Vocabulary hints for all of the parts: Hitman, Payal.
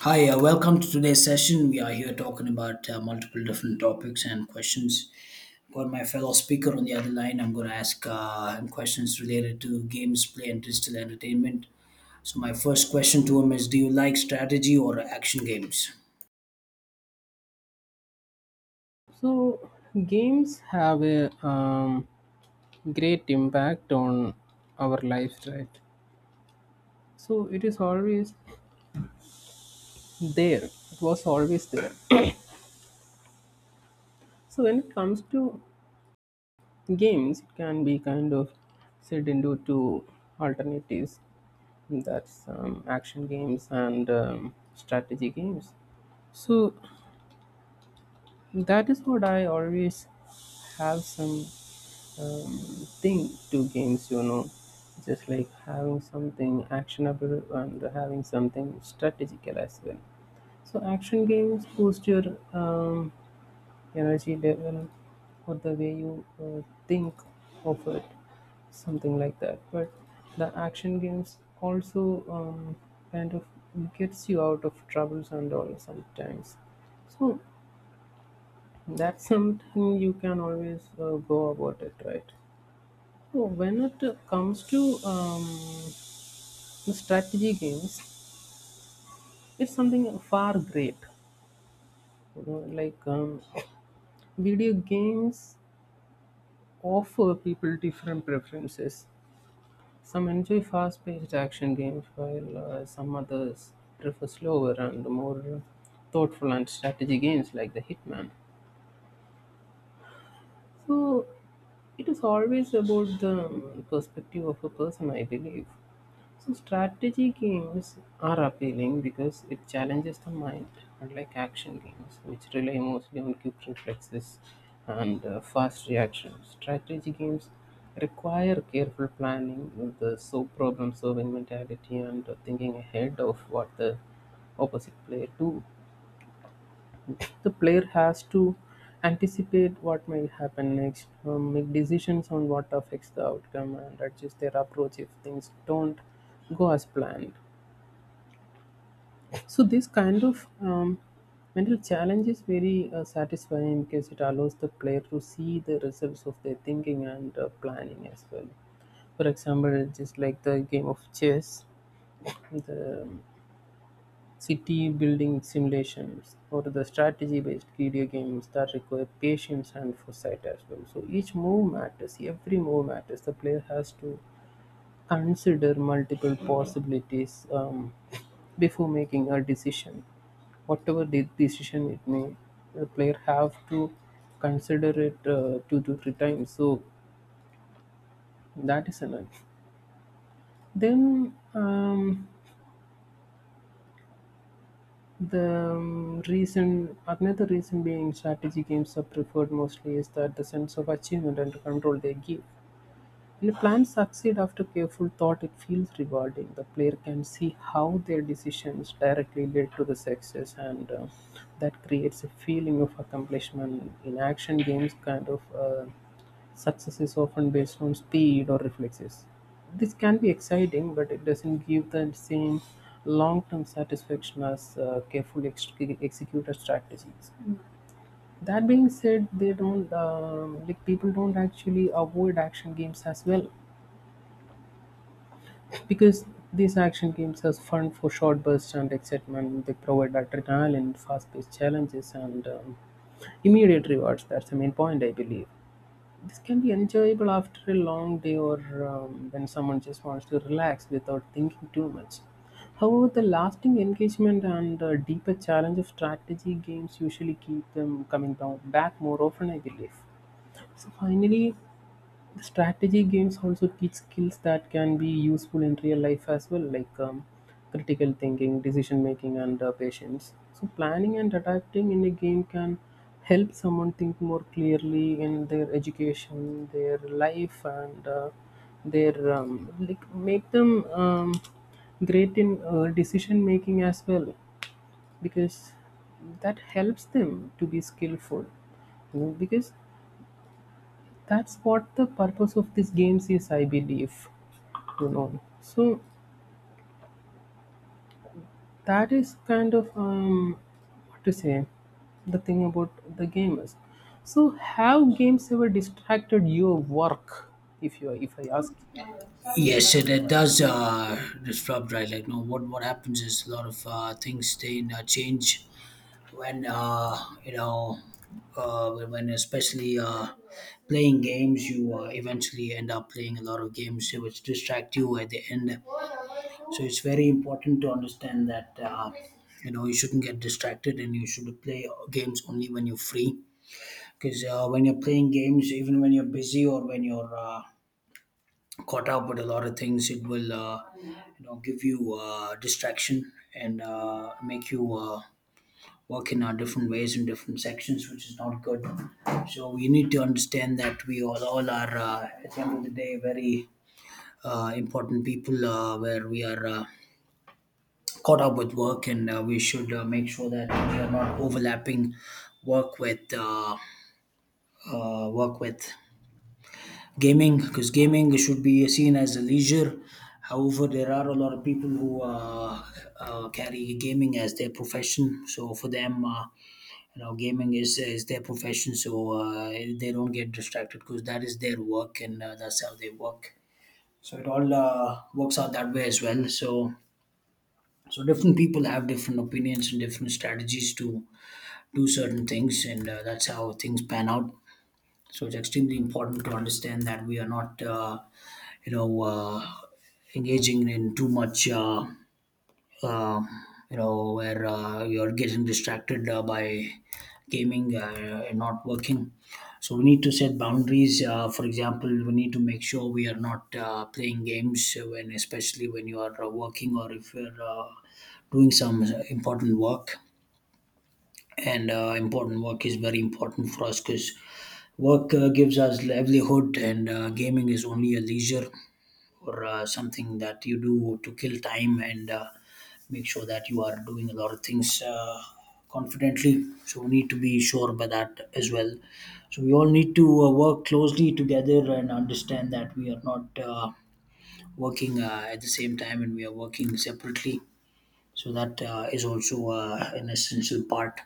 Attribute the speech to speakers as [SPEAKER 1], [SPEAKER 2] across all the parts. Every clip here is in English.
[SPEAKER 1] Hi, welcome to today's session. We are here talking about multiple different topics and questions. Got my fellow speaker on the other line. I'm going to ask him questions related to games, play, and digital entertainment. So, my first question to him is, do you like strategy or action games?
[SPEAKER 2] So, games have a great impact on our lives, right? So, it is always there, it was always there. So, when it comes to games, it can be kind of set into two alternatives, that's action games and strategy games. So, that is what I always have some um, thing to games, just like having something actionable and having something strategical as well. So action games boost your um, energy level or the way you think of it, something like that. But the action games also kind of gets you out of troubles and all sometimes. So that's something you can always go about it, right. Oh, when it comes to strategy games, it's something far great. You know, like video games offer people different preferences. Some enjoy fast-paced action games, while some others prefer slower and more thoughtful and strategy games like the Hitman. So it is always about the perspective of a person, I believe. So strategy games are appealing because it challenges the mind, unlike action games, which rely mostly on quick reflexes and fast reactions. Strategy games require careful planning with the so problem solving mentality and thinking ahead of what the opposite player do. The player has to anticipate what may happen next, make decisions on what affects the outcome, and adjust their approach if things don't go as planned. So, this kind of mental challenge is very satisfying because it allows the player to see the results of their thinking and planning as well. For example, just like the game of chess, the city building simulations or the strategy based video games that require patience and foresight as well. So each move matters, every move matters. The player has to consider multiple possibilities before making a decision. Whatever the decision it may, the player have to consider it two to three times. So that is enough. Then the another reason being strategy games are preferred mostly is that the sense of achievement and control they give. When plans succeed after careful thought, it feels rewarding. The player can see how their decisions directly lead to the success, and that creates a feeling of accomplishment. In action games, kind of success is often based on speed or reflexes. This can be exciting, but it doesn't give the same long-term satisfaction as carefully executed strategies. That being said, they don't like people don't actually avoid action games as well, because these action games are fun for short bursts and excitement, they provide adrenaline, fast paced challenges, and immediate rewards. That's the main point, I believe. This can be enjoyable after a long day or when someone just wants to relax without thinking too much. However, the lasting engagement and deeper challenge of strategy games usually keep them coming down back more often, I believe. So finally, the strategy games also teach skills that can be useful in real life as well, like critical thinking, decision making, and patience. So, planning and adapting in a game can help someone think more clearly in their education, their life, and their like make them great in decision making as well, because that helps them to be skillful, because that's what the purpose of these games is. I believe so that is kind of what to say, the thing about the gamers. So have games ever distracted your work, if you if I ask?
[SPEAKER 1] Yes, it does disrupt, right? Like, no, what happens is a lot of things they change when you know when especially playing games you eventually end up playing a lot of games which distract you at the end. So it's very important to understand that you know, you shouldn't get distracted and you should play games only when you're free, because when you're playing games, even when you're busy or when you're caught up with a lot of things, it will, you know, give you distraction and make you working our different ways in different sections, which is not good. So we need to understand that we all are, at the end of the day, very important people, where we are caught up with work, and we should make sure that we are not overlapping work with uh, work with gaming, because gaming should be seen as a leisure. However, there are a lot of people who carry gaming as their profession. So for them, you know, gaming is their profession, so they don't get distracted, because that is their work, and that's how they work. So it all works out that way as well. So different people have different opinions and different strategies to do certain things, and that's how things pan out. So it's extremely important to understand that we are not, you know, engaging in too much um, you know, where you're getting distracted by gaming and not working. So we need to set boundaries. For example, we need to make sure we are not playing games when, especially when you are working, or if you're doing some important work. And important work is very important for us, because work gives us livelihood, and gaming is only a leisure, or something that you do to kill time, and make sure that you are doing a lot of things confidently. So we need to be sure by that as well. So we all need to work closely together and understand that we are not working at the same time and we are working separately. So that is also an essential part.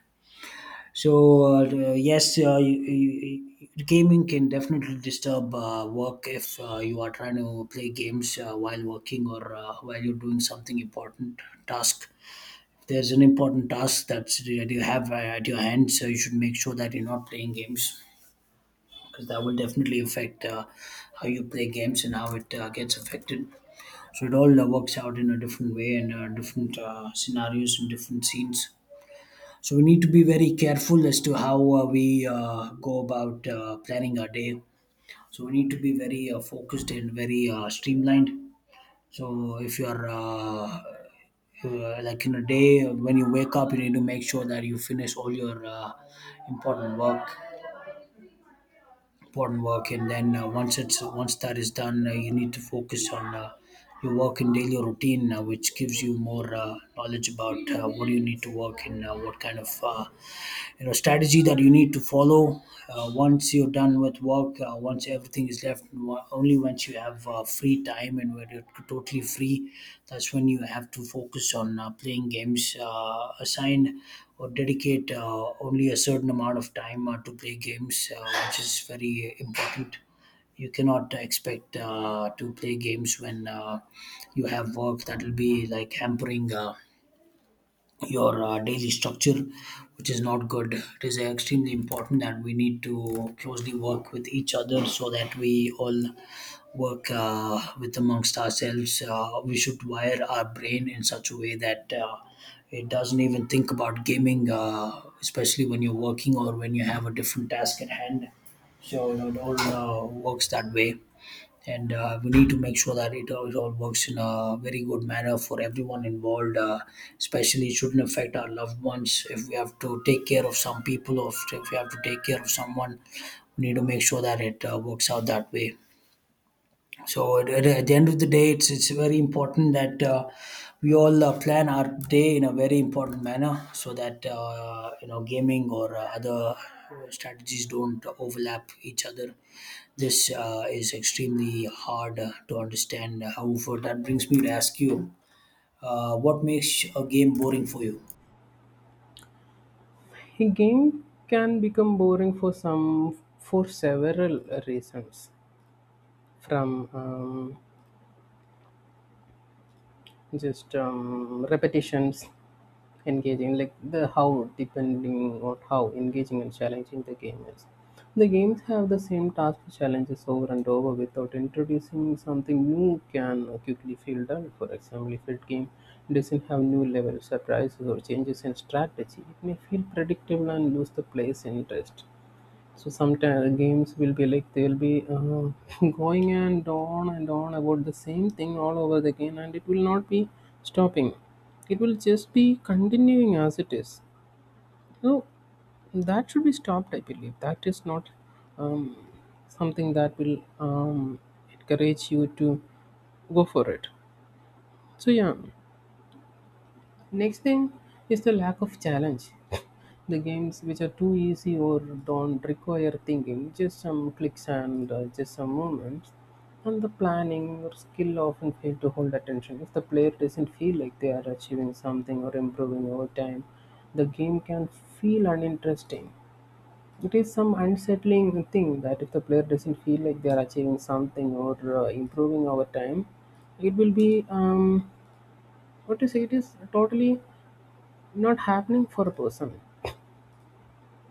[SPEAKER 1] So yes, gaming can definitely disturb work if you are trying to play games while working, or while you're doing something important task. If there's an important task that you have at your hand, so you should make sure that you're not playing games, because that will definitely affect how you play games and how it gets affected. So it all works out in a different way and different scenarios and different scenes. So we need to be very careful as to how we go about planning our day. So we need to be very focused and very streamlined. So if you are like in a day when you wake up, you need to make sure that you finish all your important work, and then once that is done, you need to focus on. Your work and daily routine, which gives you more knowledge about what you need to work and what kind of you know strategy that you need to follow. Once you're done with work, once everything is left wa- only once you have free time and when you're totally free, that's when you have to focus on playing games, assign or dedicate only a certain amount of time to play games, which is very important. You cannot expect to play games when you have work that will be like hampering your daily structure, which is not good. It is extremely important that we need to closely work with each other, so that we all work with amongst ourselves. We should wire our brain in such a way that it doesn't even think about gaming, especially when you're working or when you have a different task at hand. So you know, it all works that way. And we need to make sure that it all works in a very good manner for everyone involved, especially it shouldn't affect our loved ones. If we have to take care of some people, or if we have to take care of someone, we need to make sure that it works out that way. So at the end of the day, it's very important that we all plan our day in a very important manner, so that you know, gaming or other strategies don't overlap each other. This is extremely hard to understand. However, that brings me to ask you, what makes a game boring for you?
[SPEAKER 2] A game can become boring for some for several reasons, from just repetitions, engaging, like the how depending on how engaging and challenging the game is. The games have the same task challenges over and over without introducing something new can quickly feel dull. For example, if a game doesn't have new level surprises or changes in strategy, it may feel predictable and lose the player's interest. So sometimes games will be like they'll be going and on about the same thing all over again, and it will not be stopping. It will just be continuing as it is. So that should be stopped. I believe that is not um, something that will encourage you to go for it. So yeah, next thing is the lack of challenge. The games which are too easy or don't require thinking, just some clicks and just some movements, and the planning or skill often fail to hold attention. If the player doesn't feel like they are achieving something or improving over time, the game can feel uninteresting. It is some unsettling thing that if the player doesn't feel like they are achieving something or improving over time, it will be what to say. It is totally not happening for a person.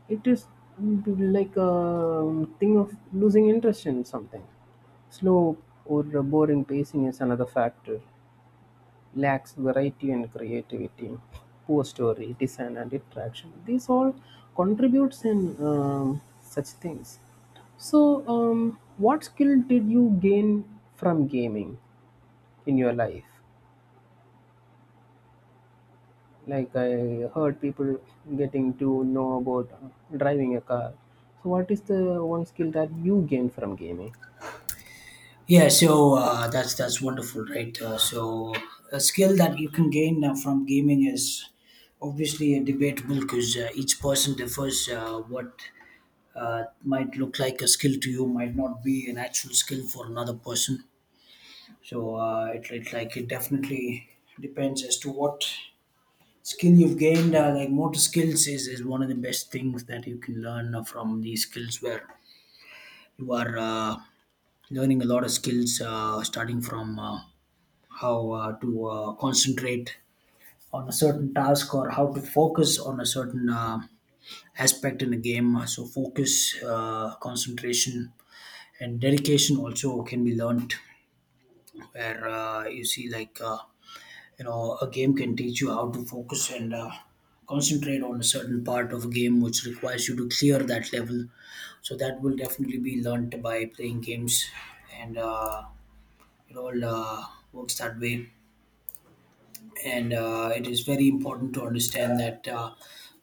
[SPEAKER 2] It is mm, like a thing of losing interest in something. Slow or boring pacing is another factor, lacks variety and creativity, poor story design and interaction, these all contributes in such things. So what skill did you gain from gaming in your life? Like I heard people getting to know about driving a car. So what is the one skill that you gained from gaming?
[SPEAKER 1] Yeah, so that's wonderful, right? So a skill that you can gain from gaming is obviously debatable, because each person differs. What might look like a skill to you might not be an actual skill for another person. So it like it definitely depends as to what skill you've gained, like motor skills is one of the best things that you can learn from these skills, where you are learning a lot of skills, starting from how to concentrate on a certain task, or how to focus on a certain aspect in a game. So focus, concentration and dedication also can be learned, where you see like, you know, a game can teach you how to focus and concentrate on a certain part of a game which requires you to clear that level. So that will definitely be learnt by playing games. And it all works that way. And it is very important to understand that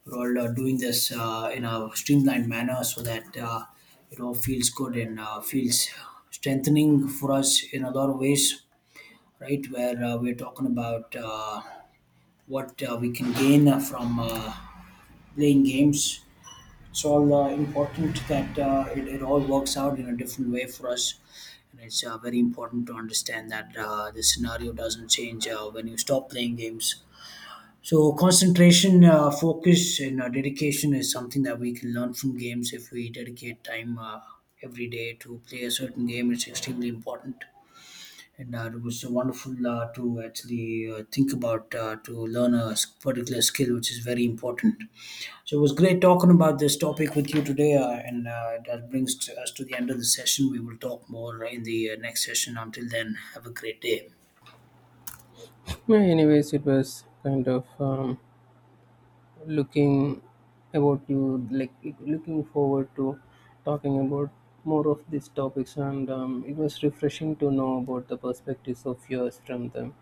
[SPEAKER 1] we're all doing this in a streamlined manner, so that it all feels good and feels strengthening for us in a lot of ways, right? Where we're talking about what we can gain from playing games. It's all important that it all works out in a different way for us. And it's very important to understand that the scenario doesn't change when you stop playing games. So concentration, focus, and dedication is something that we can learn from games, if we dedicate time every day to play a certain game. It's extremely important. And it was so wonderful to actually think about, to learn a particular skill, which is very important. So it was great talking about this topic with you today, and that brings to us to the end of the session. We will talk more in the next session. Until then, have a great day.
[SPEAKER 2] Yeah, anyways, it was kind of looking about you, like looking forward to talking about more of these topics, and it was refreshing to know about the perspectives of yours from the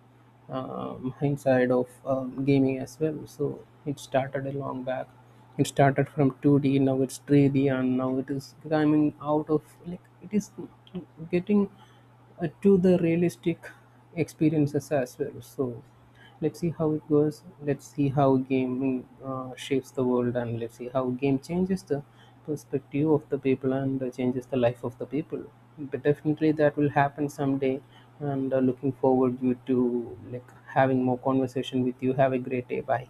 [SPEAKER 2] inside of gaming as well. So it started a long back, it started from 2D, now it's 3D, and now it is climbing out of, like it is getting to the realistic experiences as well. So let's see how it goes. Let's see how gaming shapes the world, and let's see how game changes the perspective of the people and changes the life of the people. But definitely that will happen someday. And looking forward you to like having more conversation with you. Have a great day. Bye.